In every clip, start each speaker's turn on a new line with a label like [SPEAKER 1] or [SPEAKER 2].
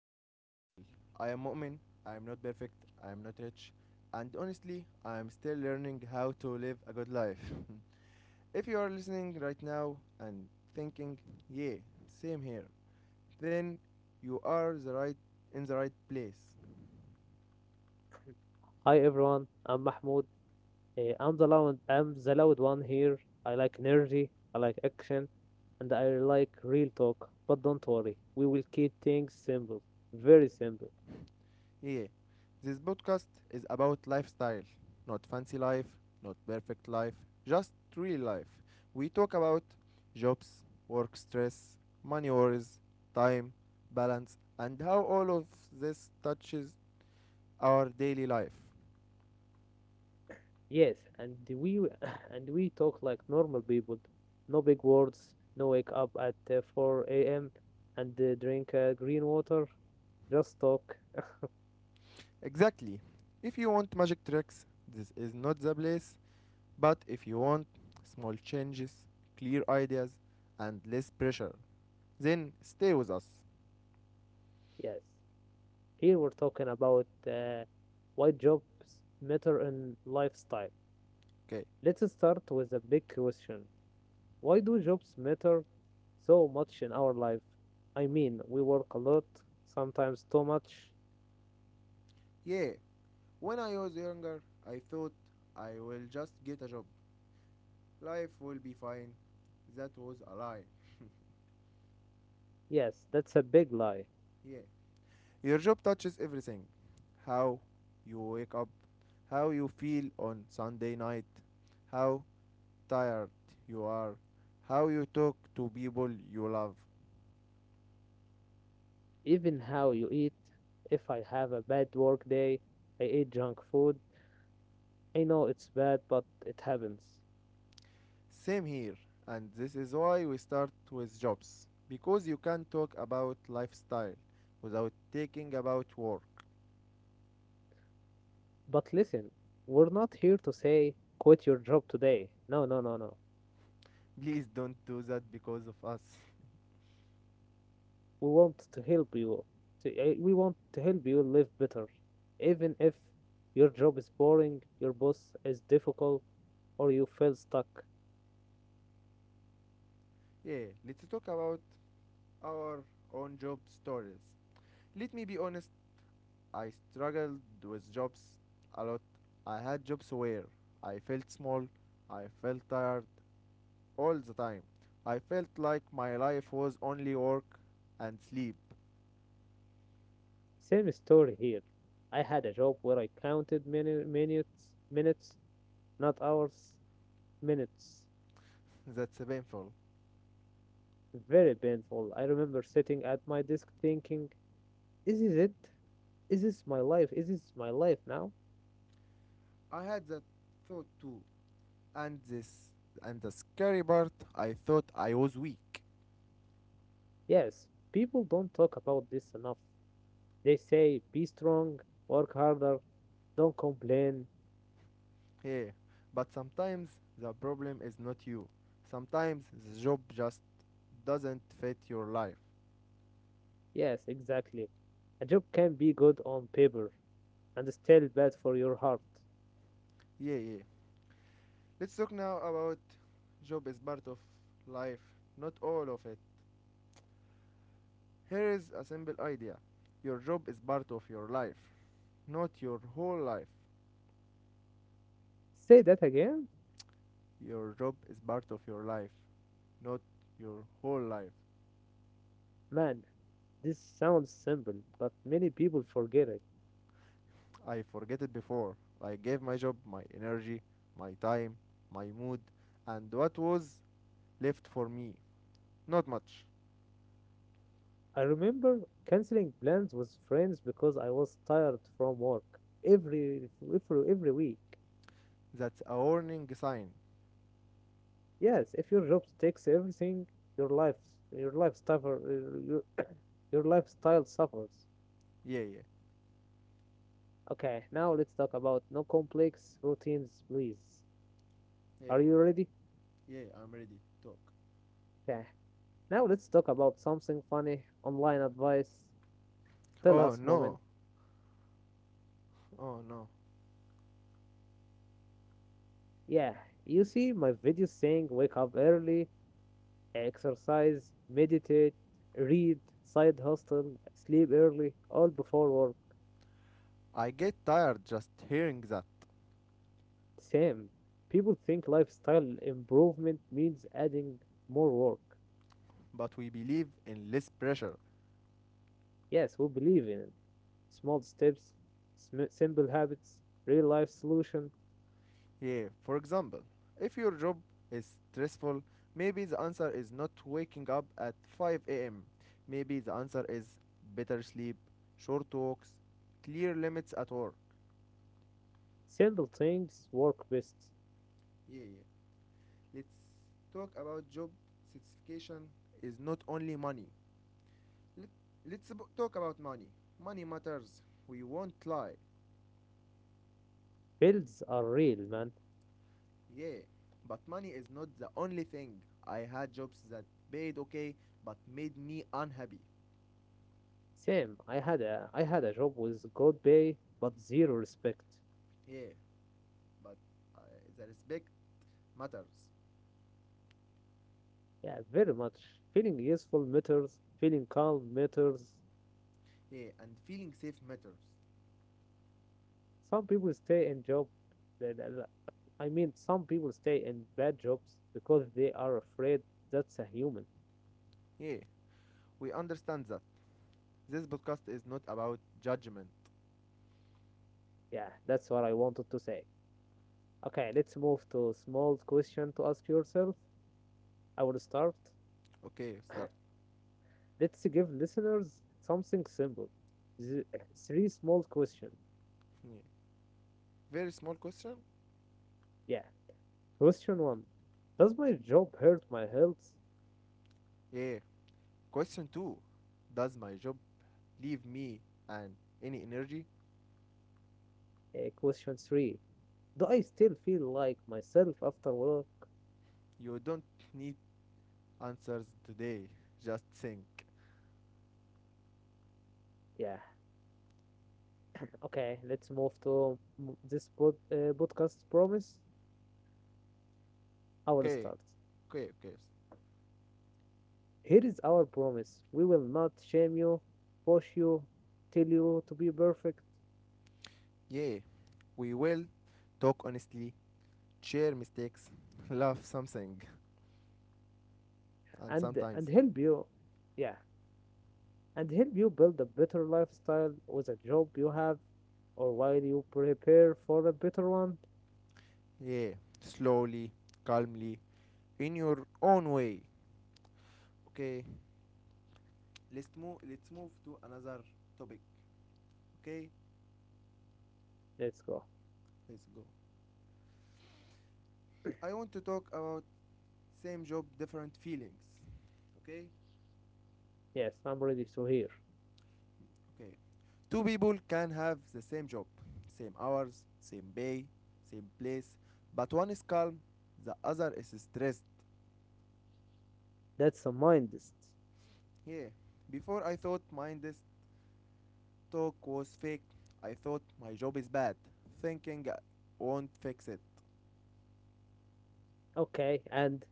[SPEAKER 1] to Lifestyle. I am Mu'min. I am not perfect, I am not rich, and honestly, I am still learning how to live a good life. If you are listening right now and thinking, yeah, same here, then you are the right in the right place.
[SPEAKER 2] Hi everyone, I'm Mahmoud. I'm the loud one here. I like energy, I like action, and I like real talk. But don't worry, we will keep things simple, very simple.
[SPEAKER 1] Yeah, this podcast is about lifestyle, not fancy life, not perfect life, just real life. We talk about jobs, work stress, money worries, time, balance, and how all of this touches our daily life.
[SPEAKER 2] Yes, and we and we talk like normal people. No big words. No wake up at 4 a.m. and drink green water. Just talk.
[SPEAKER 1] Exactly. If you want magic tricks, this is not the place, but if you want small changes, clear ideas, and less pressure, then stay with us.
[SPEAKER 2] Yes, here we're talking about why jobs matter in lifestyle.
[SPEAKER 1] Okay.
[SPEAKER 2] Let's start with a big question. Why do jobs matter so much in our life? I mean, we work a lot, sometimes too much.
[SPEAKER 1] Yeah. When I was younger, I thought I will just get a job. Life will be fine. That was a lie.
[SPEAKER 2] Yes, that's a big lie.
[SPEAKER 1] Yeah. Your job touches everything, how you wake up, how you feel on Sunday night, how tired you are, how you talk to people you love.
[SPEAKER 2] Even how you eat. If I have a bad work day, I eat junk food. I know it's bad, but it happens.
[SPEAKER 1] Same here, and this is why we start with jobs, because you can not talk about lifestyle without taking about work.
[SPEAKER 2] But listen, we're not here to say quit your job today. No, no, no, no.
[SPEAKER 1] Please don't do that because of us.
[SPEAKER 2] We want to help you. We want to help you live better, even if your job is boring, your boss is difficult, or you feel stuck.
[SPEAKER 1] Yeah, let's talk about our own job stories. Let me be honest, I struggled with jobs a lot. I had jobs where I felt small, I felt tired all the time. I felt like my life was only work and sleep.
[SPEAKER 2] Same story here. I had a job where I counted minutes, not hours, minutes.
[SPEAKER 1] That's painful.
[SPEAKER 2] Very painful. I remember sitting at my desk thinking, "Is this it? Is this my life? Is this my life now?"
[SPEAKER 1] I had that thought too. And this, and the scary part, I thought I was weak.
[SPEAKER 2] Yes, people don't talk about this enough. They say, "Be strong, work harder, don't complain."
[SPEAKER 1] Yeah, but sometimes the problem is not you. Sometimes the job just doesn't fit your life.
[SPEAKER 2] Yes, exactly. A job can be good on paper and still bad for your heart.
[SPEAKER 1] Yeah, yeah. Let's talk now about job is part of life, not all of it. Here is a simple idea. Your job is part of your life, not your whole life.
[SPEAKER 2] Say that again?
[SPEAKER 1] Your job is part of your life, not your whole life.
[SPEAKER 2] Man, this sounds simple, but many people forget it.
[SPEAKER 1] I forget it before. I gave my job my energy, my time, my mood, and what was left for me? Not much.
[SPEAKER 2] I remember canceling plans with friends because I was tired from work every week.
[SPEAKER 1] That's a warning sign.
[SPEAKER 2] Yes, if your job takes everything, your life your life your lifestyle suffers.
[SPEAKER 1] Yeah, yeah.
[SPEAKER 2] Okay, now let's talk about no complex routines, please.
[SPEAKER 1] Yeah,
[SPEAKER 2] Are you ready?
[SPEAKER 1] yeah, I'm ready. Talk.
[SPEAKER 2] Okay, now let's talk about something funny: online advice. Tell
[SPEAKER 1] Oh
[SPEAKER 2] us, moment.
[SPEAKER 1] no, oh no.
[SPEAKER 2] Yeah, you see my videos saying wake up early, exercise, meditate, read, side hustle, sleep early, all before work.
[SPEAKER 1] I get tired just hearing that.
[SPEAKER 2] Same. People think lifestyle improvement means adding more work.
[SPEAKER 1] But we believe in less pressure.
[SPEAKER 2] Yes, we believe in it. Small steps, simple habits, real life solution,
[SPEAKER 1] Yeah, for example, if your job is stressful, maybe the answer is not waking up at 5 am. Maybe the answer is better sleep, short walks, clear limits at work.
[SPEAKER 2] simple things work best.
[SPEAKER 1] Yeah, yeah. Let's talk about job satisfaction. Is not only money. Let, let's talk about money. Money matters. We won't lie.
[SPEAKER 2] Builds are real, man.
[SPEAKER 1] Yeah, but money is not the only thing. I had jobs that paid okay but made me unhappy.
[SPEAKER 2] Same. I had a job with good pay but zero respect.
[SPEAKER 1] Yeah, but uh, the respect matters.
[SPEAKER 2] Yeah, very much. Feeling useful matters. Feeling calm matters.
[SPEAKER 1] Yeah, and feeling safe matters.
[SPEAKER 2] Some people stay in job. the- the- the- I mean, some people stay in bad jobs because they are afraid. That's a human.
[SPEAKER 1] Yeah, we understand that. This podcast is not about judgment.
[SPEAKER 2] Yeah, that's what I wanted to say. Okay, let's move to a small question to ask yourself. I will start.
[SPEAKER 1] Okay, start.
[SPEAKER 2] Let's give listeners something simple. Th- Three small questions.
[SPEAKER 1] Yeah. Very small question.
[SPEAKER 2] Yeah, question 1. Does my job hurt my health?
[SPEAKER 1] Yeah. Question two. Does my job leave me and any energy?
[SPEAKER 2] Question 3. Do I still feel like myself after work?
[SPEAKER 1] You don't need answers today. Just think.
[SPEAKER 2] Yeah, okay, let's move to podcast promise. I will
[SPEAKER 1] Okay.
[SPEAKER 2] start.
[SPEAKER 1] Okay, okay.
[SPEAKER 2] Here is our promise: we will not shame you, push you, tell you to be perfect,
[SPEAKER 1] Yeah. We will talk honestly, share mistakes, love something, and
[SPEAKER 2] and
[SPEAKER 1] sometimes,
[SPEAKER 2] help you. Yeah, and help you build a better lifestyle with a job you have or while you prepare for a better one.
[SPEAKER 1] yeah, slowly, calmly, in your own way. Okay. Let's move to another topic. Okay.
[SPEAKER 2] Let's go.
[SPEAKER 1] Let's go. I want to talk about same job, different feelings. Okay.
[SPEAKER 2] Yes, I'm ready to hear.
[SPEAKER 1] Okay. Two people can have the same job, same hours, same pay, same place, but one is calm, the other is stressed.
[SPEAKER 2] That's a mindset.
[SPEAKER 1] Yeah. Before I thought mine this talk was fake. I thought my job is bad, thinking I won't fix it.
[SPEAKER 2] Okay, and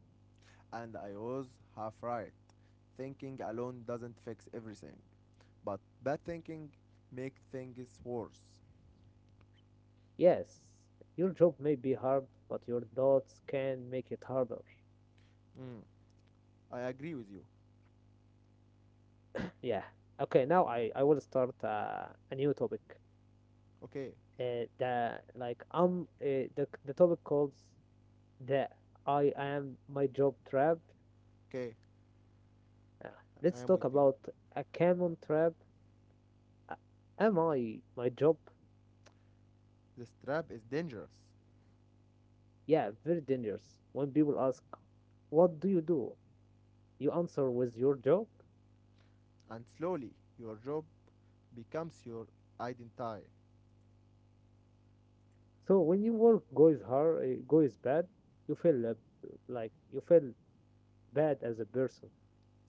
[SPEAKER 1] And I was half right. Thinking alone doesn't fix everything, but bad thinking make things worse.
[SPEAKER 2] yes, your job may be hard, but your thoughts can make it harder.
[SPEAKER 1] Mm, I agree with you.
[SPEAKER 2] Yeah. Okay, now I will start a new topic.
[SPEAKER 1] Okay,
[SPEAKER 2] The topic called the I am my job trap.
[SPEAKER 1] okay,
[SPEAKER 2] Uh,
[SPEAKER 1] I
[SPEAKER 2] let's
[SPEAKER 1] am
[SPEAKER 2] talk
[SPEAKER 1] with you.
[SPEAKER 2] about a common trap. Uh, am I my job?
[SPEAKER 1] This trap is dangerous.
[SPEAKER 2] Yeah, very dangerous. When people ask, "What do you do?" you answer with your job.
[SPEAKER 1] And slowly your job becomes your identity.
[SPEAKER 2] So when your work goes bad, you feel like you feel bad as a person.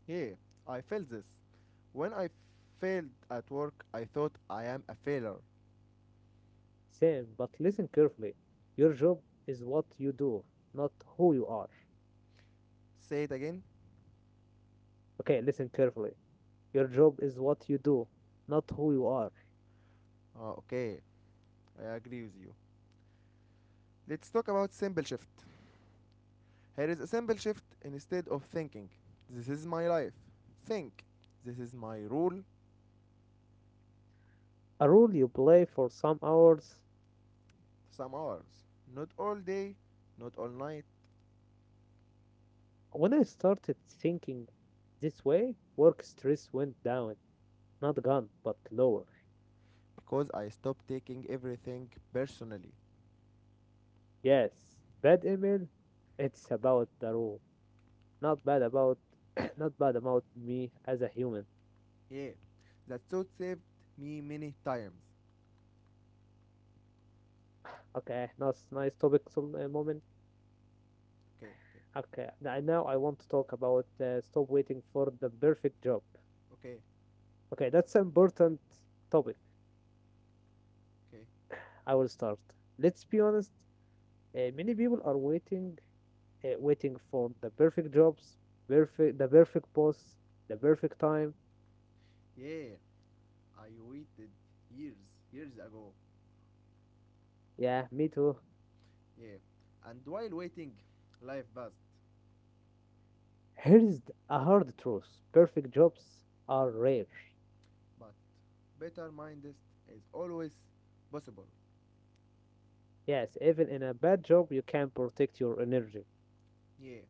[SPEAKER 1] Yeah, I felt this. When I failed at work, I thought I am a failure.
[SPEAKER 2] Same, but listen carefully. Your job is what you do, not who you are.
[SPEAKER 1] Say it again.
[SPEAKER 2] Okay, listen carefully. Your job is what you do, not who you are.
[SPEAKER 1] Ah, okay, I agree with you. Let's talk about simple shift. Here is a simple shift instead of thinking. This is my life. Think. This is my rule.
[SPEAKER 2] A role you play for some hours.
[SPEAKER 1] Some hours. Not all day, not all night.
[SPEAKER 2] When I started thinking this way, work stress went down, not gone, but lower.
[SPEAKER 1] Because I stopped taking everything personally.
[SPEAKER 2] Yes, bad email. It's about the rule, not bad about not bad about me as a human.
[SPEAKER 1] Yeah, that thought saved me many times.
[SPEAKER 2] Okay, nice topic, some moment.
[SPEAKER 1] Okay, okay,
[SPEAKER 2] Okay, now I want to talk about stop waiting for the perfect job.
[SPEAKER 1] okay,
[SPEAKER 2] Okay, that's an important topic.
[SPEAKER 1] okay.
[SPEAKER 2] I will start. Let's be honest. Many people are waiting for the perfect jobs, perfect boss, the perfect time.
[SPEAKER 1] Yeah, I waited years, years ago.
[SPEAKER 2] Yeah, me too.
[SPEAKER 1] Yeah, and while waiting, life passed.
[SPEAKER 2] Here is a hard truth. Perfect jobs are rare.
[SPEAKER 1] But better mindest is always possible.
[SPEAKER 2] Yes, even in a bad job, you can protect your energy.
[SPEAKER 1] Yeah,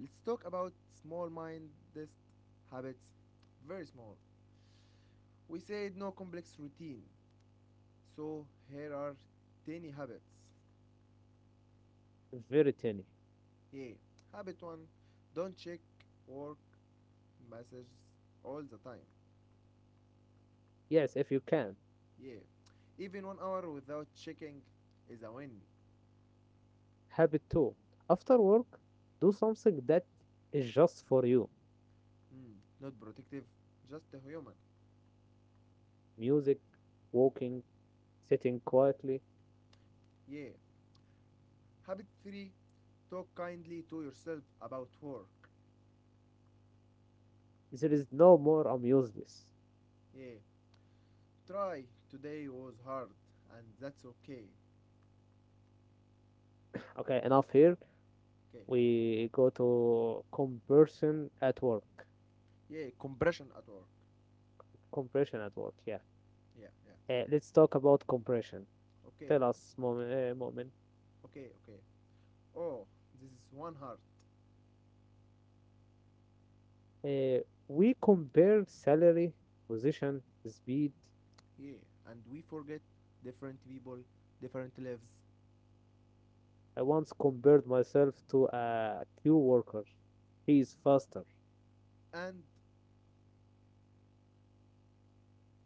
[SPEAKER 1] let's talk about small mindest habits. Very small. We said no complex routine. So here are tiny habits.
[SPEAKER 2] Very tiny.
[SPEAKER 1] Yeah, habit one: don't check work messages all the time.
[SPEAKER 2] Yes, if you can.
[SPEAKER 1] Yeah. Even 1 hour without checking is a win.
[SPEAKER 2] Habit too. After work, do something that is just for you.
[SPEAKER 1] Mm. Not protective, just a human.
[SPEAKER 2] Music, walking, sitting quietly.
[SPEAKER 1] Yeah. Habit 3: talk kindly to yourself about work.
[SPEAKER 2] There is no more amusements.
[SPEAKER 1] Yeah. Try today was hard and that's okay.
[SPEAKER 2] Okay, enough here.
[SPEAKER 1] Okay.
[SPEAKER 2] We go to compression at work.
[SPEAKER 1] Yeah. Compression at work.
[SPEAKER 2] Compression at work, yeah.
[SPEAKER 1] Yeah. Yeah.
[SPEAKER 2] Let's talk about compression.
[SPEAKER 1] Okay.
[SPEAKER 2] Tell us, moment. Moment.
[SPEAKER 1] Okay. Okay. Oh, this is one heart.
[SPEAKER 2] Uh, we compare salary, position, speed.
[SPEAKER 1] Yeah. And we forget different people, different lives.
[SPEAKER 2] I once compared myself to a queue worker. He is faster.
[SPEAKER 1] And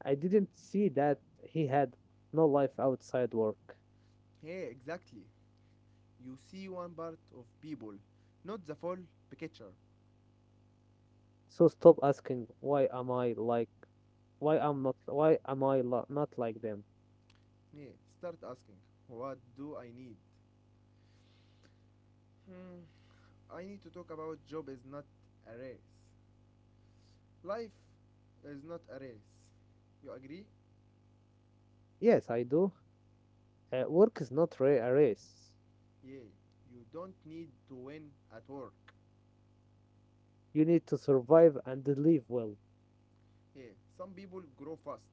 [SPEAKER 2] I didn't see that he had no life outside work.
[SPEAKER 1] yeah, exactly, you see one part of people, not the full picture.
[SPEAKER 2] So stop asking why am I not like them?
[SPEAKER 1] Yeah, start asking, what do I need? Hmm, I need to talk about job is not a race. Life is not a race. You agree?
[SPEAKER 2] Yes, I do. Work is not a race.
[SPEAKER 1] Yeah, you don't need to win at work.
[SPEAKER 2] You need to survive and live well,
[SPEAKER 1] Yeah, some people grow fast.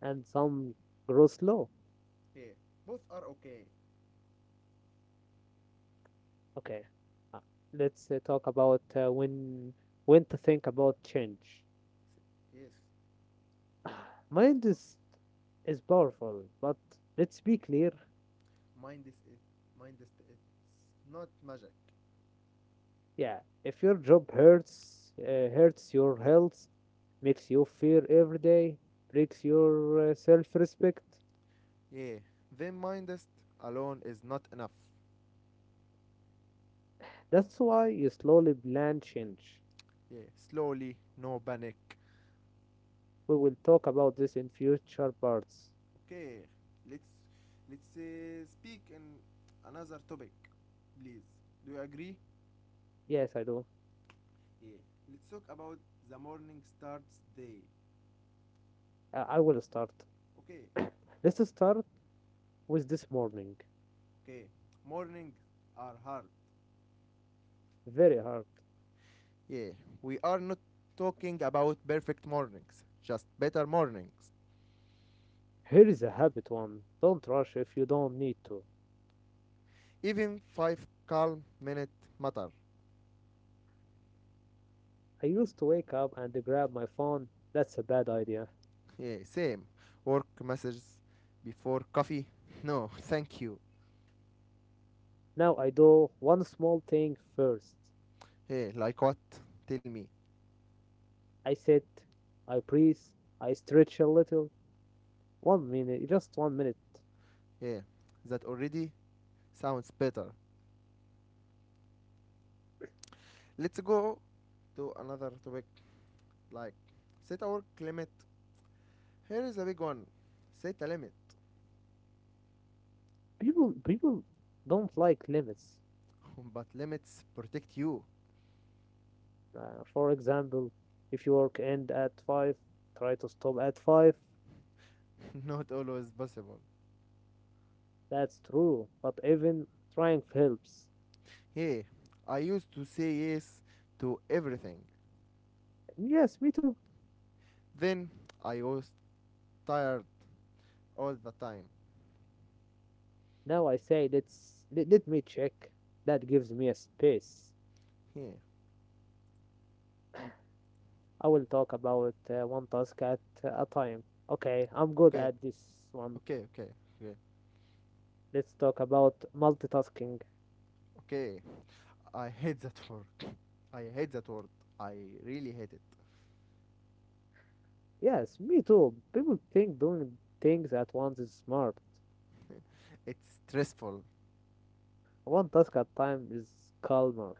[SPEAKER 2] and some grow slow.
[SPEAKER 1] Yeah, both are okay.
[SPEAKER 2] Okay, uh, let's talk about when to think about change.
[SPEAKER 1] Yes, let's
[SPEAKER 2] Mind
[SPEAKER 1] go.
[SPEAKER 2] is powerful, but let's be clear.
[SPEAKER 1] Mind is it. Mind is it's not magic.
[SPEAKER 2] Yeah, if your job hurts your health, makes you fear every day, breaks your self-respect,
[SPEAKER 1] Yeah, then mindest alone is not enough.
[SPEAKER 2] that's why you slowly plan change.
[SPEAKER 1] Yeah, slowly, no panic.
[SPEAKER 2] We will talk about this in future parts.
[SPEAKER 1] Okay, let's let's speak in another topic, please. Do you agree?
[SPEAKER 2] Yes, I do.
[SPEAKER 1] Yeah. Let's talk about the morning starts day.
[SPEAKER 2] I will start.
[SPEAKER 1] Okay,
[SPEAKER 2] Let's start with this morning.
[SPEAKER 1] okay. Mornings are hard.
[SPEAKER 2] Very hard.
[SPEAKER 1] Yeah, we are not talking about perfect mornings, just better mornings.
[SPEAKER 2] Here is a habit one. Don't rush if you don't need to.
[SPEAKER 1] Even five calm minute matter.
[SPEAKER 2] I used to wake up and grab my phone. That's a bad idea.
[SPEAKER 1] Yeah, same. Work messages before coffee? No, thank you.
[SPEAKER 2] Now I do one small thing first.
[SPEAKER 1] Yeah, like what? Tell me.
[SPEAKER 2] I sit, I breathe, I stretch a little. 1 minute, just 1 minute.
[SPEAKER 1] Yeah, that already sounds better. Let's go to another topic like set a work limit. Here is a big one. Set a limit.
[SPEAKER 2] People don't like limits.
[SPEAKER 1] But limits protect you.
[SPEAKER 2] For example, if your work end at five, try to stop at five.
[SPEAKER 1] Not always possible.
[SPEAKER 2] That's true, but even trying helps.
[SPEAKER 1] Yeah, I used to say yes to everything.
[SPEAKER 2] Yes, me too.
[SPEAKER 1] Then I was tired all the time.
[SPEAKER 2] Now I say let me check. That gives me a space.
[SPEAKER 1] Yeah.
[SPEAKER 2] I will talk about one task at a time. Okay, I'm good
[SPEAKER 1] Okay.
[SPEAKER 2] at this one.
[SPEAKER 1] Okay. Okay. Okay.
[SPEAKER 2] Let's talk about multitasking.
[SPEAKER 1] Okay. I hate that word. I hate that word. I really hate it.
[SPEAKER 2] Yes, me too. People think doing things at once is smart.
[SPEAKER 1] It's stressful.
[SPEAKER 2] One task at a time is calmer.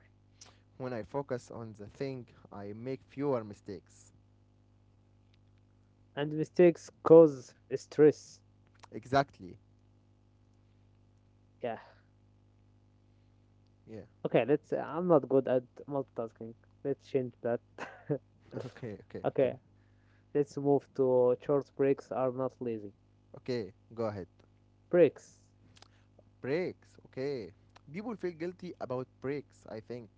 [SPEAKER 1] When I focus on the thing, I make fewer mistakes.
[SPEAKER 2] And mistakes cause stress.
[SPEAKER 1] Exactly.
[SPEAKER 2] Yeah.
[SPEAKER 1] Yeah.
[SPEAKER 2] Okay, let's. I'm not good at multitasking. Let's change that.
[SPEAKER 1] Okay, okay, okay.
[SPEAKER 2] Okay, let's move to short breaks are not lazy.
[SPEAKER 1] Okay, go ahead.
[SPEAKER 2] Breaks.
[SPEAKER 1] Breaks. Okay. People feel guilty about breaks, I think.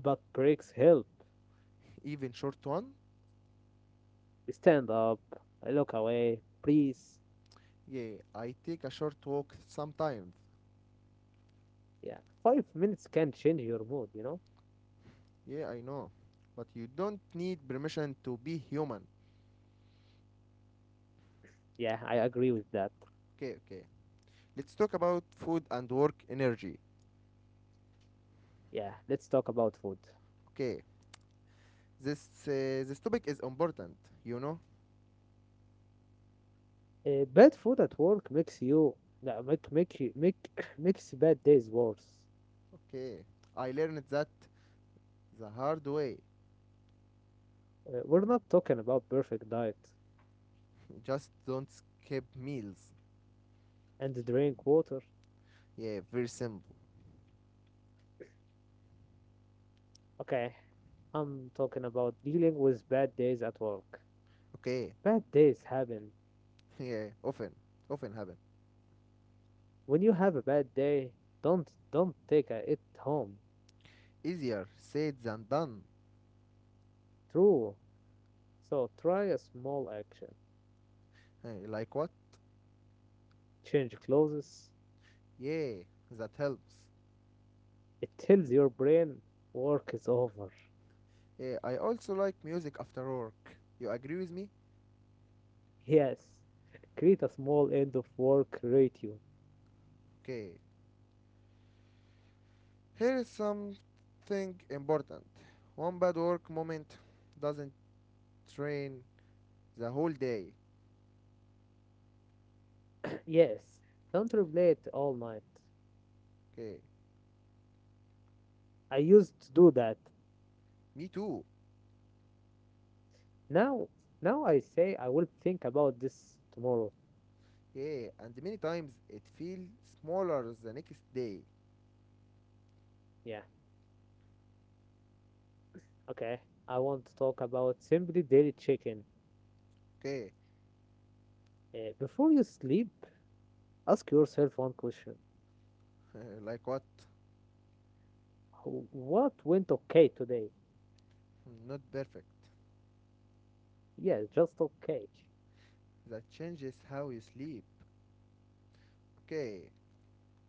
[SPEAKER 2] But breaks help.
[SPEAKER 1] Even short one?
[SPEAKER 2] Stand up, look away, please.
[SPEAKER 1] Yeah, I take a short walk sometimes.
[SPEAKER 2] Yeah, 5 minutes can change your mood, you know?
[SPEAKER 1] Yeah, I know. But you don't need permission to be human.
[SPEAKER 2] Yeah, I agree with that.
[SPEAKER 1] Okay, okay. Let's talk about food and work energy.
[SPEAKER 2] Yeah, let's talk about food.
[SPEAKER 1] Okay. This this topic is important, you know?
[SPEAKER 2] Bad food at work makes you no, make make you make makes bad days worse.
[SPEAKER 1] Okay. I learned that the hard way.
[SPEAKER 2] We're not talking about perfect diet,
[SPEAKER 1] Just don't skip meals.
[SPEAKER 2] and drink water.
[SPEAKER 1] Yeah, very simple.
[SPEAKER 2] Okay, I'm talking about dealing with bad days at work.
[SPEAKER 1] Okay.
[SPEAKER 2] Bad days happen.
[SPEAKER 1] Yeah, often, often happen.
[SPEAKER 2] When you have a bad day, don't take it home.
[SPEAKER 1] Easier said than done.
[SPEAKER 2] True. So try a small action.
[SPEAKER 1] Eh, like what?
[SPEAKER 2] Change clothes.
[SPEAKER 1] Yeah, that helps.
[SPEAKER 2] It tells your brain work is over.
[SPEAKER 1] Yeah, I also like music after work. You agree with me?
[SPEAKER 2] Yes. Create a small end of work ratio.
[SPEAKER 1] Okay. Here is something important. One bad work moment doesn't train the whole day.
[SPEAKER 2] Yes. Don't replay it all night.
[SPEAKER 1] Okay.
[SPEAKER 2] I used to do that.
[SPEAKER 1] Me too.
[SPEAKER 2] Now, now I say I will think about this tomorrow.
[SPEAKER 1] Yeah, and many times it feels smaller the next day.
[SPEAKER 2] Yeah. Okay. I want to talk about simply daily chicken.
[SPEAKER 1] Okay.
[SPEAKER 2] Before you sleep, ask yourself one question.
[SPEAKER 1] Like what?
[SPEAKER 2] What went okay today?
[SPEAKER 1] Not perfect.
[SPEAKER 2] Yes, just okay.
[SPEAKER 1] That changes how you sleep. Okay,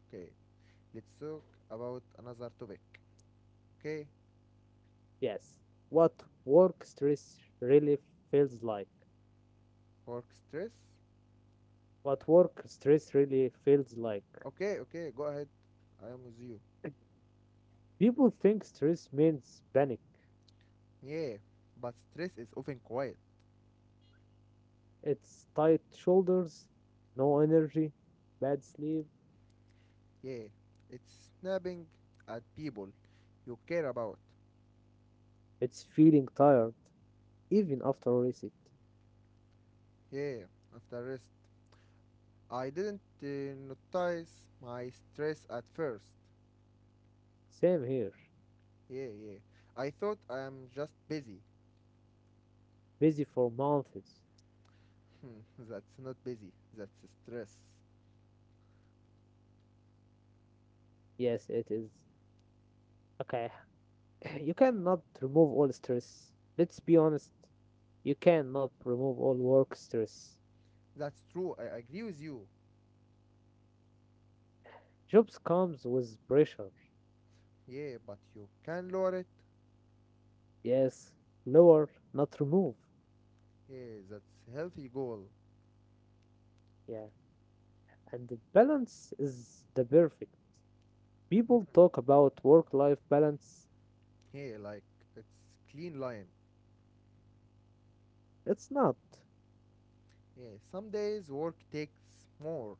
[SPEAKER 1] okay. Let's talk about another topic. Okay,
[SPEAKER 2] Yes. What work stress really feels like.
[SPEAKER 1] work stress.
[SPEAKER 2] What work stress really feels like.
[SPEAKER 1] Okay, okay, go ahead. I am with you.
[SPEAKER 2] People think stress means panic.
[SPEAKER 1] Yeah, but stress is often quiet.
[SPEAKER 2] It's tight shoulders, no energy, bad sleep.
[SPEAKER 1] Yeah, it's snapping at people you care about.
[SPEAKER 2] It's feeling tired, even after a reset.
[SPEAKER 1] Yeah, after rest. I didn't notice my stress at first.
[SPEAKER 2] Same here.
[SPEAKER 1] Yeah, yeah. I thought I am just busy.
[SPEAKER 2] Busy for months.
[SPEAKER 1] That's not busy, that's stress.
[SPEAKER 2] Yes, it is. Okay. You cannot remove all stress. Let's be honest. You cannot remove all work stress.
[SPEAKER 1] That's true. I agree with you.
[SPEAKER 2] Jobs comes with pressure.
[SPEAKER 1] Yeah, but you can lower it.
[SPEAKER 2] Yes, lower, not remove.
[SPEAKER 1] Yeah, that's healthy goal.
[SPEAKER 2] Yeah, and the balance is the perfect.
[SPEAKER 1] Mm.
[SPEAKER 2] People talk about work life balance,
[SPEAKER 1] Yeah, like it's clean line.
[SPEAKER 2] it's not.
[SPEAKER 1] Yeah, some days work takes more.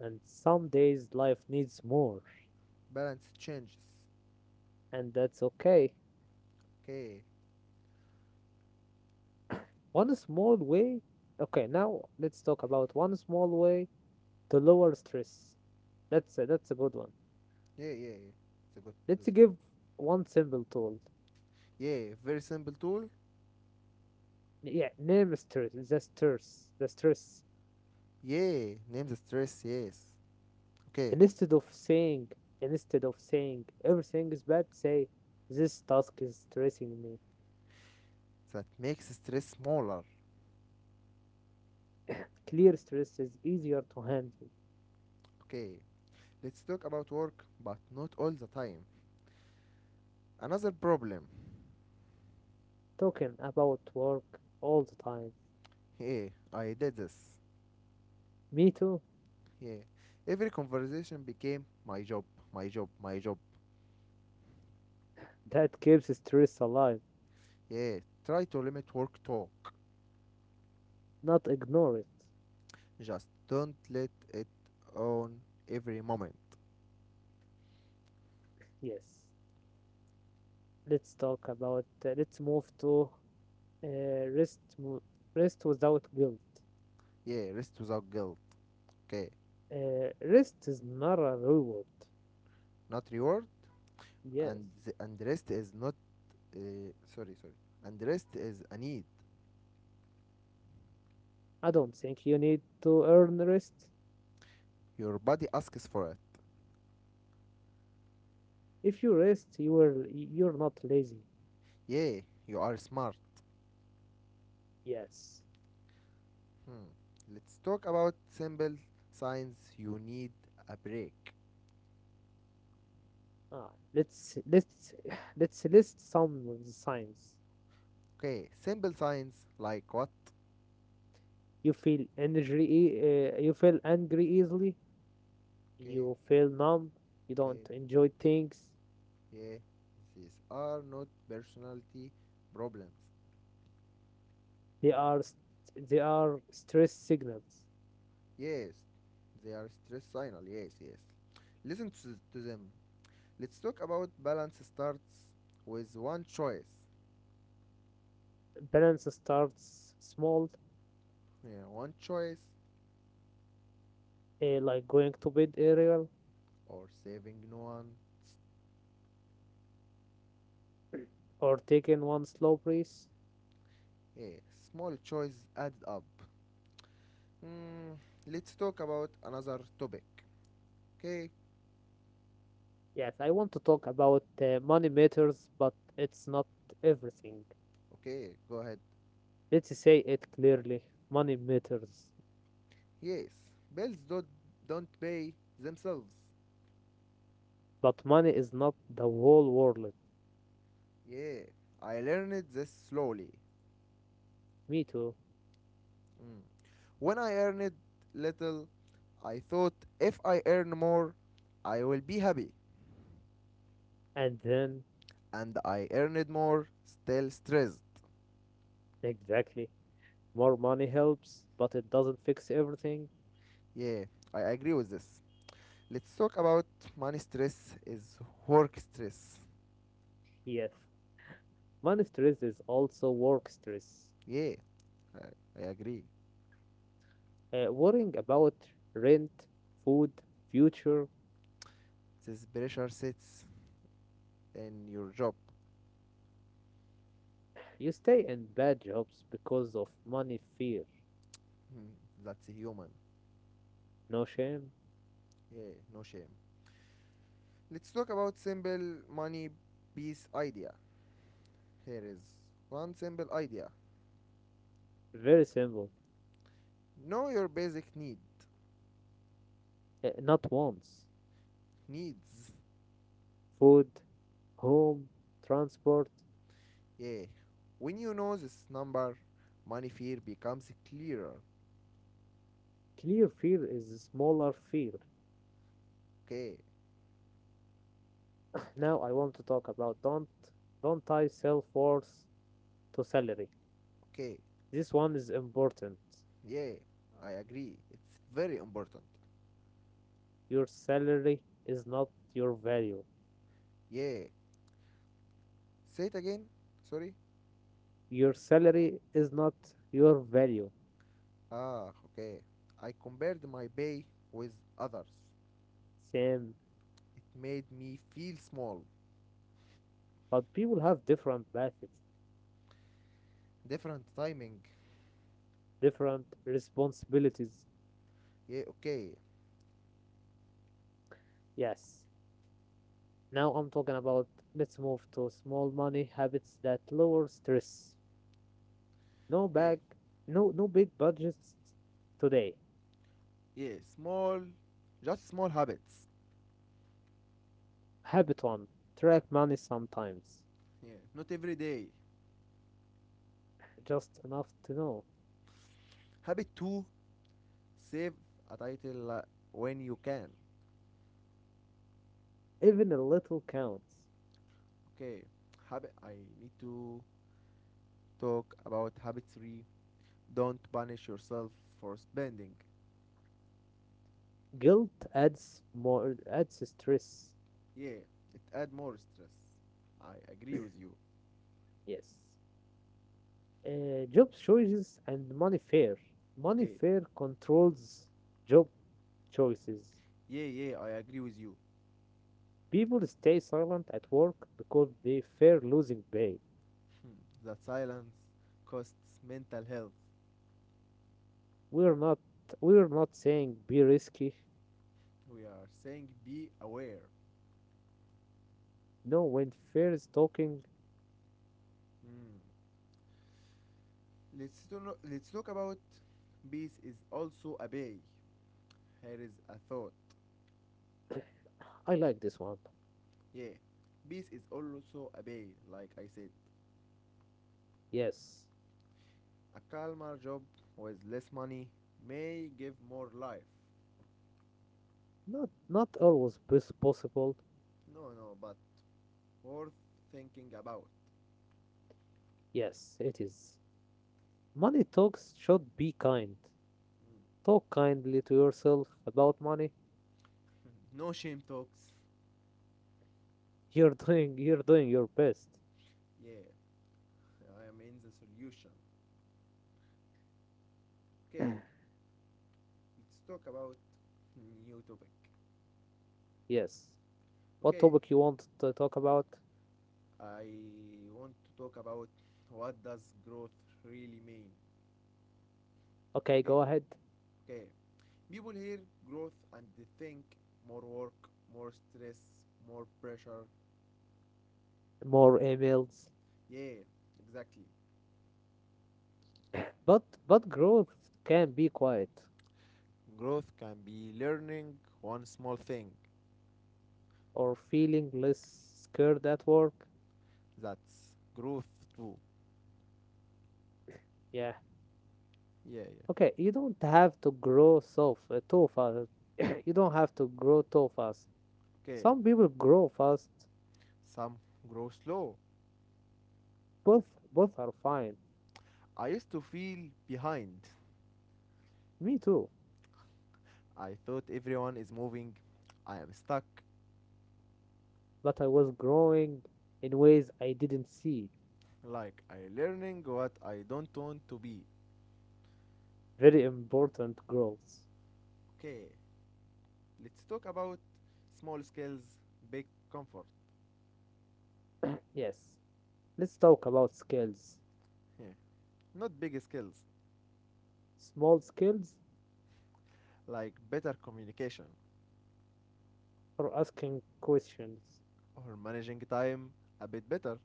[SPEAKER 2] And some days life needs more,
[SPEAKER 1] Balance changes.
[SPEAKER 2] and that's okay.
[SPEAKER 1] Okay.
[SPEAKER 2] One small way, okay, now let's talk about one small way to lower stress. That's a, good one.
[SPEAKER 1] Yeah, yeah, yeah. It's a good,
[SPEAKER 2] Let's
[SPEAKER 1] it's a good.
[SPEAKER 2] give one simple tool.
[SPEAKER 1] Yeah, very simple tool.
[SPEAKER 2] Yeah, name stress, the stress.
[SPEAKER 1] Yeah, name the stress. Yes. Okay,
[SPEAKER 2] Instead of saying instead of saying everything is bad, say this task is stressing me.
[SPEAKER 1] that makes stress smaller.
[SPEAKER 2] Clear stress is easier to handle.
[SPEAKER 1] Okay, let's talk about work, but not all the time. Another problem.
[SPEAKER 2] Talking about work all the time.
[SPEAKER 1] Yeah, I did this.
[SPEAKER 2] Me too.
[SPEAKER 1] Yeah. Every conversation became my job, my job, my job.
[SPEAKER 2] That keeps stress alive.
[SPEAKER 1] Yeah. Try to limit work talk.
[SPEAKER 2] Not ignore it.
[SPEAKER 1] Just don't let it own every moment.
[SPEAKER 2] Yes. Let's talk about let's move to uh, rest mo- rest without guilt.
[SPEAKER 1] Yeah. Rest without guilt. Okay.
[SPEAKER 2] Rest is not a reward.
[SPEAKER 1] Not reward.
[SPEAKER 2] Yes.
[SPEAKER 1] And the, and rest is not. Sorry, sorry. And rest is a need.
[SPEAKER 2] I don't think you need to earn rest.
[SPEAKER 1] Your body asks for it.
[SPEAKER 2] If you rest, you're not lazy.
[SPEAKER 1] Yeah. You are smart.
[SPEAKER 2] Yes.
[SPEAKER 1] Hmm. Let's talk about simple signs you need a break.
[SPEAKER 2] Ah, let's let's list some of the signs.
[SPEAKER 1] Okay. Simple signs like what?
[SPEAKER 2] You feel energy. You feel angry easily.
[SPEAKER 1] Okay.
[SPEAKER 2] You feel numb. You don't
[SPEAKER 1] Okay.
[SPEAKER 2] enjoy things.
[SPEAKER 1] Yeah, these are not personality problems.
[SPEAKER 2] They are s- they are stress signals.
[SPEAKER 1] Yes, they are stress signal. Yes, yes. Listen to them. Let's talk about balance starts with one choice.
[SPEAKER 2] Balance starts small,
[SPEAKER 1] Yeah, one choice
[SPEAKER 2] like going to bed earlier
[SPEAKER 1] or saving no one.
[SPEAKER 2] or taking one slow breath.
[SPEAKER 1] Yeah, small choice added up. Hmm, let's talk about another topic. Okay,
[SPEAKER 2] Yes, I want to talk about money matters, but it's not everything.
[SPEAKER 1] okay, go ahead.
[SPEAKER 2] Let's say it clearly: money matters,
[SPEAKER 1] Yes, bills don't pay themselves.
[SPEAKER 2] but money is not the whole world.
[SPEAKER 1] Yeah, I learned this slowly.
[SPEAKER 2] Me too.
[SPEAKER 1] Mm. When I earned little, I thought if I earn more, I will be happy.
[SPEAKER 2] And then,
[SPEAKER 1] And I earned more, still stressed.
[SPEAKER 2] exactly, more money helps, but it doesn't fix everything.
[SPEAKER 1] Yeah, I agree with this. Let's talk about money stress is work stress.
[SPEAKER 2] Yes, money stress is also work stress.
[SPEAKER 1] Yeah, I, I agree.
[SPEAKER 2] Worrying about rent, food, future.
[SPEAKER 1] This pressure sits in your job.
[SPEAKER 2] You stay in bad jobs because of money fear.
[SPEAKER 1] That's human.
[SPEAKER 2] No shame.
[SPEAKER 1] Yeah, no shame. Let's talk about simple money piece idea. Here is one simple idea.
[SPEAKER 2] Very simple.
[SPEAKER 1] Know your basic need.
[SPEAKER 2] Not once.
[SPEAKER 1] Needs.
[SPEAKER 2] Food, home, transport.
[SPEAKER 1] Yeah. When you know this number, money fear becomes clearer.
[SPEAKER 2] Clear fear is smaller fear.
[SPEAKER 1] Okay,
[SPEAKER 2] Now I want to talk about don't tie self worth to salary.
[SPEAKER 1] okay,
[SPEAKER 2] This one is important.
[SPEAKER 1] yeah, I agree. It's very important.
[SPEAKER 2] Your salary is not your value.
[SPEAKER 1] Yeah. Say it again. Sorry.
[SPEAKER 2] Your salary is not your value.
[SPEAKER 1] Ah, okay. I compared my pay with others.
[SPEAKER 2] Same,
[SPEAKER 1] It made me feel small.
[SPEAKER 2] but people have different paths,
[SPEAKER 1] Different timing.
[SPEAKER 2] different responsibilities.
[SPEAKER 1] Yeah, okay.
[SPEAKER 2] Yes. Now I'm talking about let's move to small money habits that lower stress. No
[SPEAKER 1] Okay.
[SPEAKER 2] bag, no big budgets today.
[SPEAKER 1] Yeah, small, just small habits.
[SPEAKER 2] Habit one, track money sometimes,
[SPEAKER 1] Yeah, not every day.
[SPEAKER 2] just enough to know.
[SPEAKER 1] Habit 2: save a title when you can.
[SPEAKER 2] Even a little counts.
[SPEAKER 1] Okay, habit. I need to talk about habit three. Don't punish yourself for spending.
[SPEAKER 2] Guilt adds more adds stress.
[SPEAKER 1] Yeah, it add more stress. I agree with you.
[SPEAKER 2] Yes. Job choices and money fear. Money
[SPEAKER 1] Okay,
[SPEAKER 2] fear controls job choices.
[SPEAKER 1] yeah, yeah, I agree with you.
[SPEAKER 2] People stay silent at work because they fear losing pay.
[SPEAKER 1] That silence costs mental health.
[SPEAKER 2] We're not we're not saying be risky.
[SPEAKER 1] We are saying be aware.
[SPEAKER 2] No, when fear is talking,
[SPEAKER 1] Hmm. No, let's talk about peace is also a bay. Here is a thought.
[SPEAKER 2] I like this one.
[SPEAKER 1] Yeah, peace is also a bay, like I said.
[SPEAKER 2] Yes.
[SPEAKER 1] A calmer job with less money may give more life.
[SPEAKER 2] Not not always pos- possible.
[SPEAKER 1] No, no, but worth thinking about.
[SPEAKER 2] Yes, it is. Money talks should be kind. Talk kindly to yourself about money.
[SPEAKER 1] No shame talks.
[SPEAKER 2] You're doing you're doing your best.
[SPEAKER 1] Yeah, I am in the solution. Okay, let's talk about new topic.
[SPEAKER 2] Yes. What
[SPEAKER 1] Okay,
[SPEAKER 2] topic you want to talk about?
[SPEAKER 1] I want to talk about what does growth really mean.
[SPEAKER 2] Okay,
[SPEAKER 1] Okay,
[SPEAKER 2] go ahead.
[SPEAKER 1] okay. People hear growth and they think more work, more stress, more pressure.
[SPEAKER 2] More emails.
[SPEAKER 1] Yeah, exactly.
[SPEAKER 2] But growth can be quiet
[SPEAKER 1] Growth can be learning one small thing.
[SPEAKER 2] or feeling less scared at work.
[SPEAKER 1] That's growth too.
[SPEAKER 2] Yeah.
[SPEAKER 1] Yeah, yeah.
[SPEAKER 2] Okay, you don't have to too fast. You don't have to grow too fast.
[SPEAKER 1] Okay.
[SPEAKER 2] Some people grow fast.
[SPEAKER 1] Some grow slow.
[SPEAKER 2] Both both are fine.
[SPEAKER 1] I used to feel behind.
[SPEAKER 2] Me too.
[SPEAKER 1] I thought everyone is moving. I am stuck.
[SPEAKER 2] But I was growing in ways I didn't see.
[SPEAKER 1] Like I learning what I don't want to be.
[SPEAKER 2] Very important growth.
[SPEAKER 1] Okay. Let's talk about small skills, big comfort.
[SPEAKER 2] Yes, let's talk about skills.
[SPEAKER 1] Yeah. Not big skills.
[SPEAKER 2] Small skills
[SPEAKER 1] Like better communication
[SPEAKER 2] for asking questions.
[SPEAKER 1] or managing time a bit better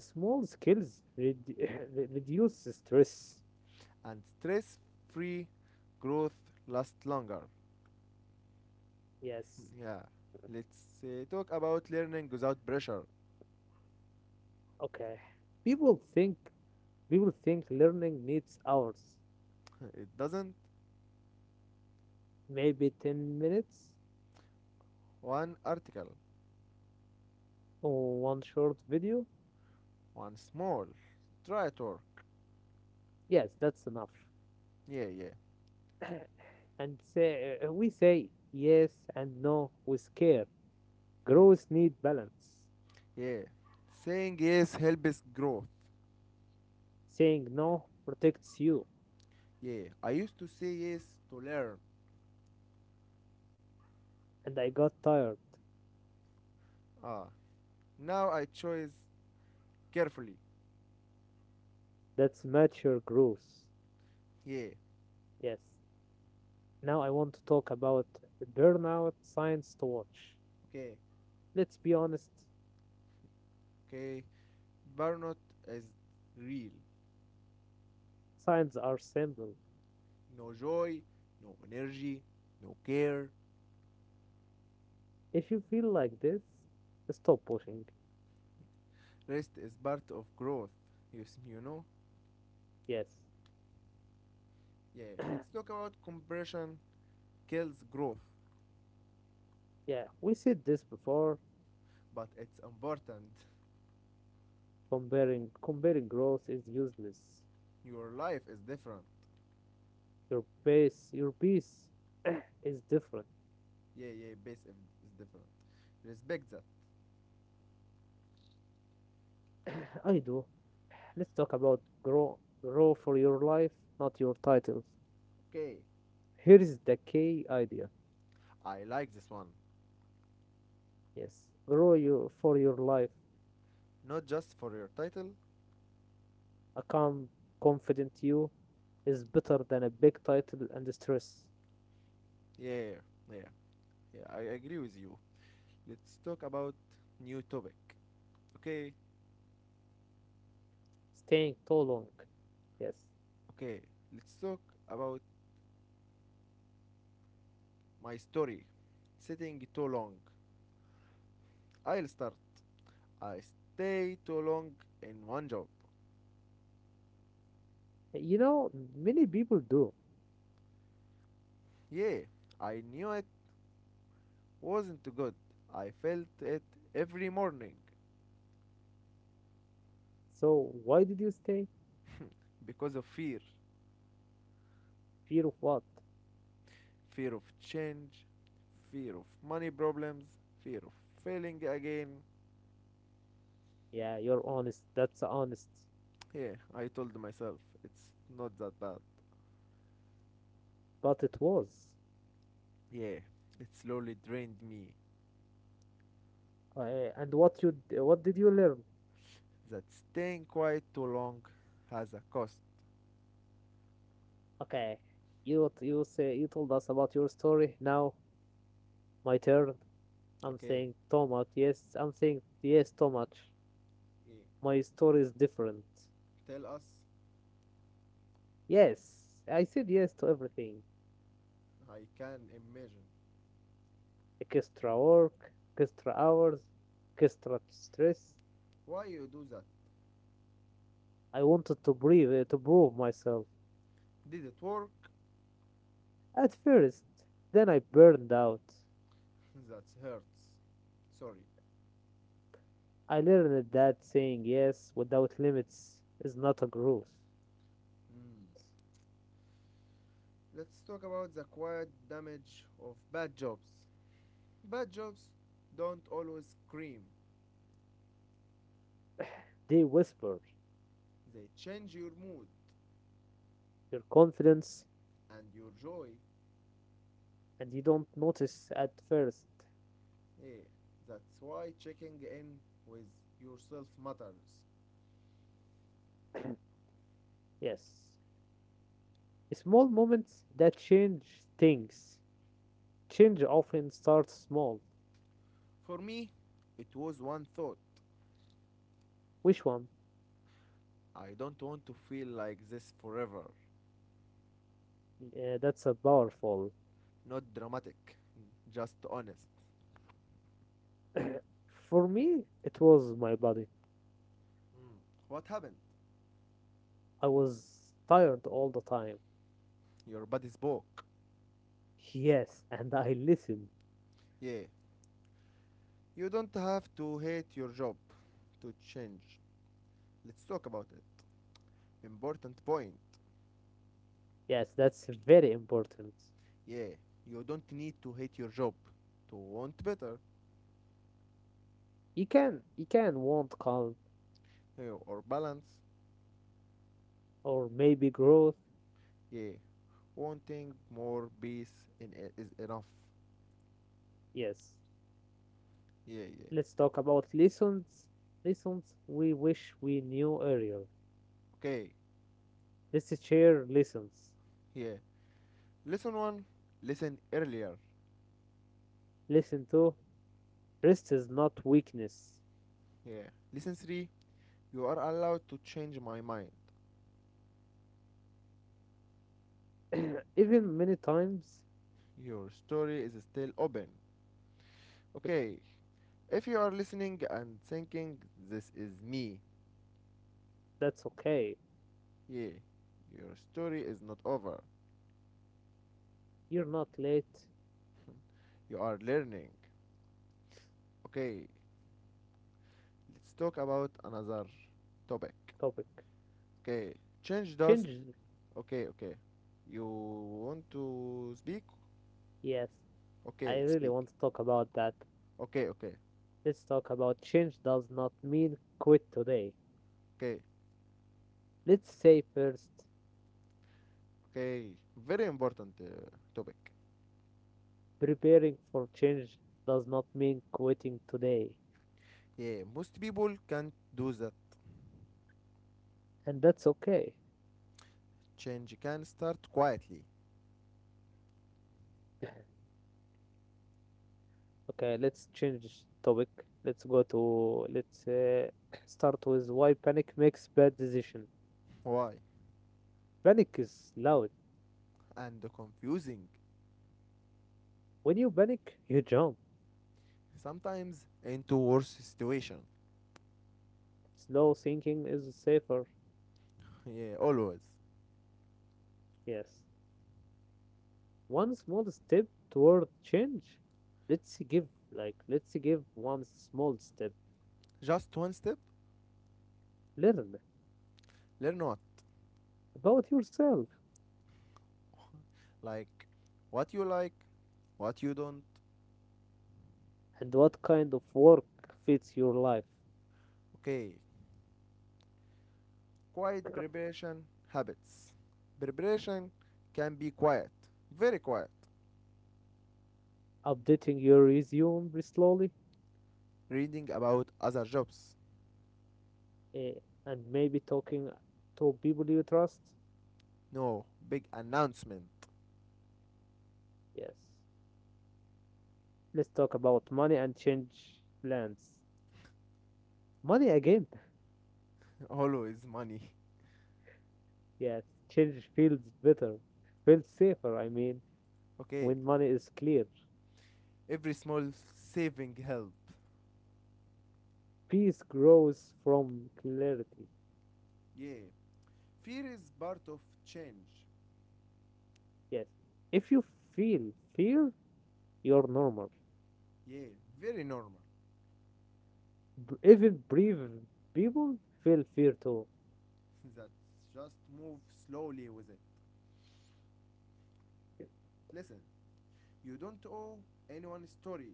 [SPEAKER 2] Small skills redu- re- reduce stress.
[SPEAKER 1] and stress-free growth lasts longer.
[SPEAKER 2] Yes,
[SPEAKER 1] Yeah, let's talk about learning without pressure.
[SPEAKER 2] okay. People think people think learning needs hours,
[SPEAKER 1] It doesn't
[SPEAKER 2] maybe 10 minutes
[SPEAKER 1] one article,
[SPEAKER 2] or one short video.
[SPEAKER 1] one small try at work.
[SPEAKER 2] Yes, that's enough.
[SPEAKER 1] Yeah, yeah.
[SPEAKER 2] And say, we say yes and no with care.
[SPEAKER 1] Hmm.
[SPEAKER 2] Growth need balance.
[SPEAKER 1] Yeah. Saying yes helps growth.
[SPEAKER 2] Saying no protects you,
[SPEAKER 1] Yeah, I used to say yes to learn.
[SPEAKER 2] and I got tired.
[SPEAKER 1] Ah, now I choose carefully.
[SPEAKER 2] That's mature growth.
[SPEAKER 1] Yeah.
[SPEAKER 2] Yes. Now I want to talk about burnout signs to watch.
[SPEAKER 1] Okay.
[SPEAKER 2] Let's be honest,
[SPEAKER 1] Okay. Burnout is real.
[SPEAKER 2] signs are simple.
[SPEAKER 1] No joy, no energy, no care.
[SPEAKER 2] If you feel like this, stop pushing.
[SPEAKER 1] Rest is part of growth, you, you know?
[SPEAKER 2] Yes.
[SPEAKER 1] Yeah, let's talk about compression kills growth,
[SPEAKER 2] Yeah, we said this before.
[SPEAKER 1] but it's important.
[SPEAKER 2] Comparing growth is useless.
[SPEAKER 1] Your life is different.
[SPEAKER 2] Your pace is different.
[SPEAKER 1] Yeah, yeah, base is different. Respect that.
[SPEAKER 2] I do. Let's talk about grow for your life, not your titles.
[SPEAKER 1] Okay,
[SPEAKER 2] Here is the key idea.
[SPEAKER 1] I like this one.
[SPEAKER 2] Yes. Grow you for your life.
[SPEAKER 1] Not just for your title.
[SPEAKER 2] A calm, confident you is better than a big title and stress.
[SPEAKER 1] Yeah, yeah, yeah, I agree with you. Let's talk about new topic. Okay,
[SPEAKER 2] Staying too long. Yes.
[SPEAKER 1] okay, let's talk about my story. Sitting too long. I'll start. I stayed too long in one job.
[SPEAKER 2] You know, many people do.
[SPEAKER 1] Yeah, I knew it wasn't good. I felt it every morning
[SPEAKER 2] So why did you stay?
[SPEAKER 1] because of fear,
[SPEAKER 2] Fear of what?
[SPEAKER 1] fear of change, fear of money problems, fear of failing again.
[SPEAKER 2] Yeah, you're honest. That's honest.
[SPEAKER 1] Yeah, I told myself it's not that bad.
[SPEAKER 2] But it was.
[SPEAKER 1] Yeah, it slowly drained me,
[SPEAKER 2] And what what did you learn?
[SPEAKER 1] that staying quiet too long has a cost.
[SPEAKER 2] Okay, you say you told us about your story. Now my turn. I'm
[SPEAKER 1] Okay,
[SPEAKER 2] saying too much. Yes, I'm saying yes too much.
[SPEAKER 1] yeah.
[SPEAKER 2] My story is different.
[SPEAKER 1] Tell us.
[SPEAKER 2] Yes, I said yes to everything.
[SPEAKER 1] I can imagine
[SPEAKER 2] Extra work, extra hours, extra stress.
[SPEAKER 1] why you do that.
[SPEAKER 2] I wanted to breathe, to prove myself.
[SPEAKER 1] Did it work?
[SPEAKER 2] At first, then I burned out.
[SPEAKER 1] That hurts. Sorry.
[SPEAKER 2] I learned that saying yes without limits is not a growth.
[SPEAKER 1] Mm. Let's talk about the quiet damage of bad jobs. Bad jobs don't always scream,
[SPEAKER 2] They whisper
[SPEAKER 1] they change your mood
[SPEAKER 2] your confidence
[SPEAKER 1] and your joy.
[SPEAKER 2] and you don't notice at first.
[SPEAKER 1] Eh, that's why checking in with yourself matters.
[SPEAKER 2] Yes. Small moments that change things. Change often starts small.
[SPEAKER 1] For me, it was one thought.
[SPEAKER 2] Which one?
[SPEAKER 1] I don't want to feel like this forever.
[SPEAKER 2] That's a powerful.
[SPEAKER 1] Not dramatic, just honest.
[SPEAKER 2] For me, it was my body.
[SPEAKER 1] Mm. What happened?
[SPEAKER 2] I was tired all the time.
[SPEAKER 1] Your body spoke.
[SPEAKER 2] Yes, and I listened.
[SPEAKER 1] Yeah, you don't have to hate your job to change. Let's talk about it. Important point.
[SPEAKER 2] Yes, that's very important.
[SPEAKER 1] Yeah, you don't need to hate your job to want better,
[SPEAKER 2] You can want calm
[SPEAKER 1] yeah, or balance.
[SPEAKER 2] or maybe growth.
[SPEAKER 1] Yeah, wanting more peace in is enough.
[SPEAKER 2] Yes.
[SPEAKER 1] Yeah, yeah.
[SPEAKER 2] Let's talk about lessons. Lessons we wish we knew earlier.
[SPEAKER 1] Okay,
[SPEAKER 2] Let's share lessons.
[SPEAKER 1] yeah. Lesson 1, listen earlier.
[SPEAKER 2] Listen to rest is not weakness.
[SPEAKER 1] Yeah. Lesson 3, you are allowed to change my mind.
[SPEAKER 2] Even many times,
[SPEAKER 1] Your story is still open.
[SPEAKER 2] if
[SPEAKER 1] Okay, if you are listening and thinking, this is me.
[SPEAKER 2] that's okay,
[SPEAKER 1] Yeah, your story is not over.
[SPEAKER 2] you're not late.
[SPEAKER 1] You are learning. Okay, let's talk about another topic.
[SPEAKER 2] Topic
[SPEAKER 1] Okay, change dust.
[SPEAKER 2] change.
[SPEAKER 1] Okay, okay. You want to speak?
[SPEAKER 2] Yes, I
[SPEAKER 1] Okay,
[SPEAKER 2] really
[SPEAKER 1] speak.
[SPEAKER 2] want to talk about that.
[SPEAKER 1] Okay, okay,
[SPEAKER 2] Let's talk about change does not mean quit today.
[SPEAKER 1] okay,
[SPEAKER 2] Let's say first,
[SPEAKER 1] okay. Very important topic.
[SPEAKER 2] preparing for change does not mean quitting today,
[SPEAKER 1] Yeah, most people can't do that.
[SPEAKER 2] and that's okay.
[SPEAKER 1] Change can start quietly.
[SPEAKER 2] Okay, let's change topic. Let's go to let's start with why panic makes bad decision.
[SPEAKER 1] Why?
[SPEAKER 2] Panic is loud.
[SPEAKER 1] And confusing.
[SPEAKER 2] When you panic, you jump.
[SPEAKER 1] Sometimes into worse situation.
[SPEAKER 2] Slow thinking is safer.
[SPEAKER 1] Yeah, always.
[SPEAKER 2] Yes. One small step toward change. Let's give let's give one small step.
[SPEAKER 1] Just one step.
[SPEAKER 2] Learn
[SPEAKER 1] Learn what?
[SPEAKER 2] about yourself
[SPEAKER 1] Like what you like, what you don't.
[SPEAKER 2] and what kind of work fits your life.
[SPEAKER 1] Okay, quiet preparation habits. Preparation can be quiet, very quiet.
[SPEAKER 2] Updating your resume slowly,
[SPEAKER 1] Reading about other jobs.
[SPEAKER 2] eh, and maybe talking to people you trust.
[SPEAKER 1] No, big announcement.
[SPEAKER 2] Yes. Let's talk about money and change plans. Money again.
[SPEAKER 1] Always money.
[SPEAKER 2] Yes. Change feels better. Feels safer, I mean.
[SPEAKER 1] Okay,
[SPEAKER 2] When money is clear,
[SPEAKER 1] every small saving help.
[SPEAKER 2] peace grows from clarity.
[SPEAKER 1] Yeah, fear is part of change.
[SPEAKER 2] Yes. If you feel fear, you're normal.
[SPEAKER 1] Yeah, very normal.
[SPEAKER 2] Even brave people feel fear too.
[SPEAKER 1] That's just move slowly with it. Listen, you don't owe anyone story.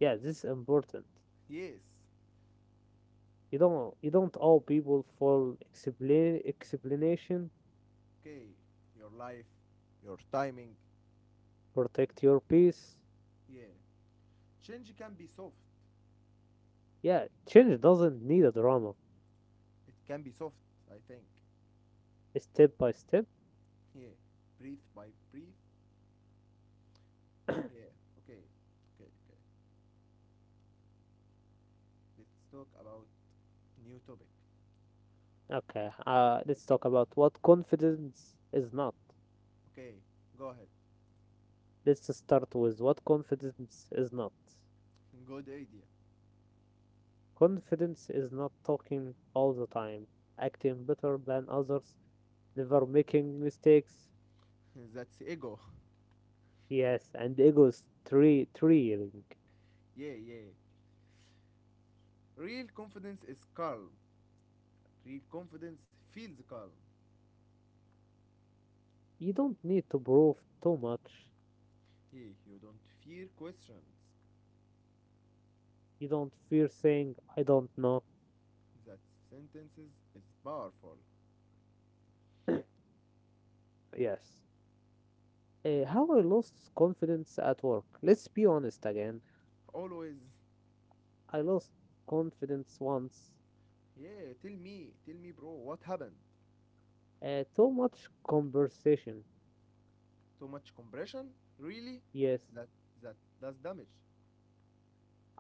[SPEAKER 2] Yeah, this is important.
[SPEAKER 1] Yes,
[SPEAKER 2] You don't owe people for explanation.
[SPEAKER 1] okay, your life, your timing.
[SPEAKER 2] Protect your peace.
[SPEAKER 1] Yeah. Change can be soft.
[SPEAKER 2] Yeah, change doesn't need a drama.
[SPEAKER 1] It can be soft, I think.
[SPEAKER 2] Step by step.
[SPEAKER 1] Yeah. Breathe by breathe. Yeah. Okay. Okay. Okay. Let's talk about new topic.
[SPEAKER 2] Okay, let's
[SPEAKER 1] Like,
[SPEAKER 2] talk about what confidence is not.
[SPEAKER 1] okay, go ahead.
[SPEAKER 2] Let's start with what confidence is not.
[SPEAKER 1] Good idea.
[SPEAKER 2] Confidence is not talking all the time, acting better than others, never making mistakes.
[SPEAKER 1] That's ego.
[SPEAKER 2] Yes, and ego is three thrilling.
[SPEAKER 1] Yeah, yeah. Real confidence is calm. Real confidence feels calm.
[SPEAKER 2] You don't need to prove too much.
[SPEAKER 1] Yeah, you don't fear questions.
[SPEAKER 2] You don't fear saying I don't know.
[SPEAKER 1] That sentences is powerful.
[SPEAKER 2] Yes. How I lost confidence at work. Let's be honest again.
[SPEAKER 1] Always.
[SPEAKER 2] I lost confidence once.
[SPEAKER 1] Yeah, tell me, bro, what happened?
[SPEAKER 2] Too much conversation.
[SPEAKER 1] Too much compression? Really?
[SPEAKER 2] Yes,
[SPEAKER 1] That that does damage.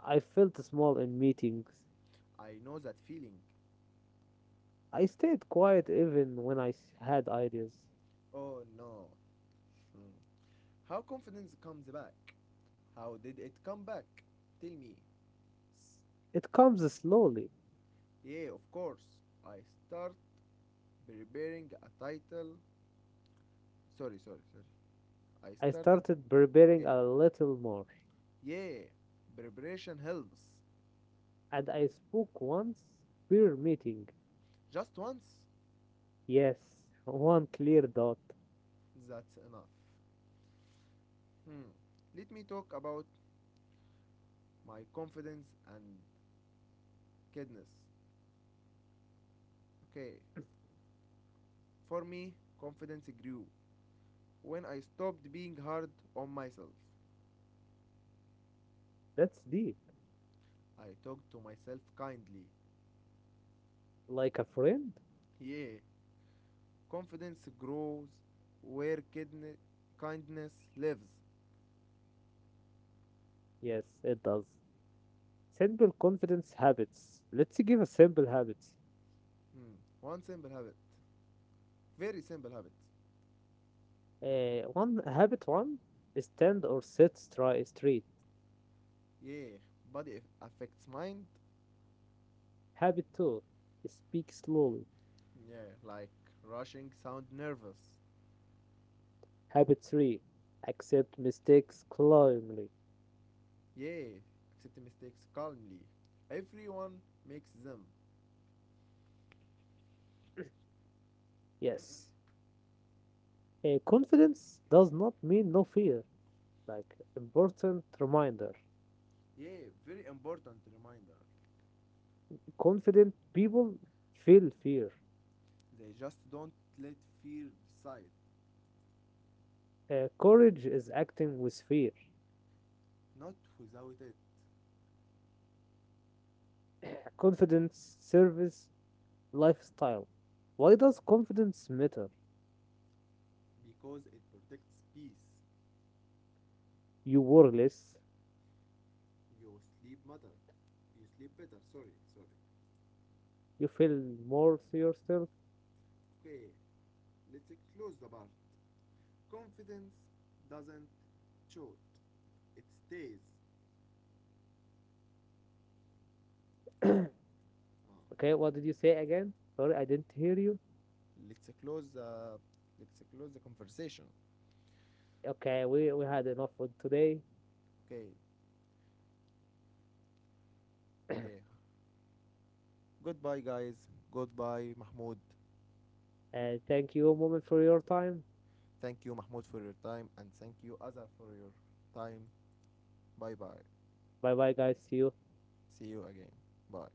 [SPEAKER 2] I felt small in meetings.
[SPEAKER 1] I know that feeling.
[SPEAKER 2] I stayed quiet even when had ideas.
[SPEAKER 1] Oh no. Mm. How confidence comes back? How did it come back? Tell me.
[SPEAKER 2] It comes slowly.
[SPEAKER 1] Yeah, of course. I start preparing a title. Sorry, sorry, sorry. I
[SPEAKER 2] I
[SPEAKER 1] started.
[SPEAKER 2] started preparing
[SPEAKER 1] Okay.
[SPEAKER 2] a little more,
[SPEAKER 1] Yeah, preparation helps.
[SPEAKER 2] and I spoke once per meeting.
[SPEAKER 1] Just once.
[SPEAKER 2] Yes, one clear dot.
[SPEAKER 1] That's enough. Hmm. Let me talk about my confidence and kindness. Okay. For me, confidence grew when I stopped being hard on myself.
[SPEAKER 2] That's deep.
[SPEAKER 1] I talked to myself kindly.
[SPEAKER 2] Like a friend?
[SPEAKER 1] Yeah. Confidence grows where kindness lives.
[SPEAKER 2] Yes, it does. Simple confidence habits. Let's give a simple habit.
[SPEAKER 1] Hmm. One simple habit. Very simple habit.
[SPEAKER 2] One is stand or straight.
[SPEAKER 1] Yeah. Body affects mind.
[SPEAKER 2] Habit two, speak slowly.
[SPEAKER 1] Yeah. Like rushing sound nervous.
[SPEAKER 2] Habit three, accept mistakes calmly.
[SPEAKER 1] Yeah. Accept mistakes calmly. Everyone makes them.
[SPEAKER 2] Yes. Confidence does not mean no fear. Like, important reminder.
[SPEAKER 1] Yeah, very important reminder.
[SPEAKER 2] Confident people feel fear.
[SPEAKER 1] They just don't let fear decide.
[SPEAKER 2] Courage is acting with fear.
[SPEAKER 1] Not without it,
[SPEAKER 2] Confidence, service, lifestyle. Why does confidence matter?
[SPEAKER 1] because it protects peace.
[SPEAKER 2] You work less,
[SPEAKER 1] Your sleep matter. You sleep better. Sorry, sorry.
[SPEAKER 2] you feel more to yourself.
[SPEAKER 1] Okay, let's close the part. Confidence doesn't shoot. It stays.
[SPEAKER 2] Okay,
[SPEAKER 1] Ah.
[SPEAKER 2] what did you say again? Sorry, I didn't hear you.
[SPEAKER 1] Let's close the conversation.
[SPEAKER 2] Okay, we had enough for today.
[SPEAKER 1] Okay. Yeah. Goodbye guys. Goodbye Mahmoud.
[SPEAKER 2] And thank you, moment, for your time.
[SPEAKER 1] Thank you, Mahmoud, for your time, and thank you, Azar, for your time. Bye bye.
[SPEAKER 2] Bye bye, guys. See you.
[SPEAKER 1] See you again. Bye.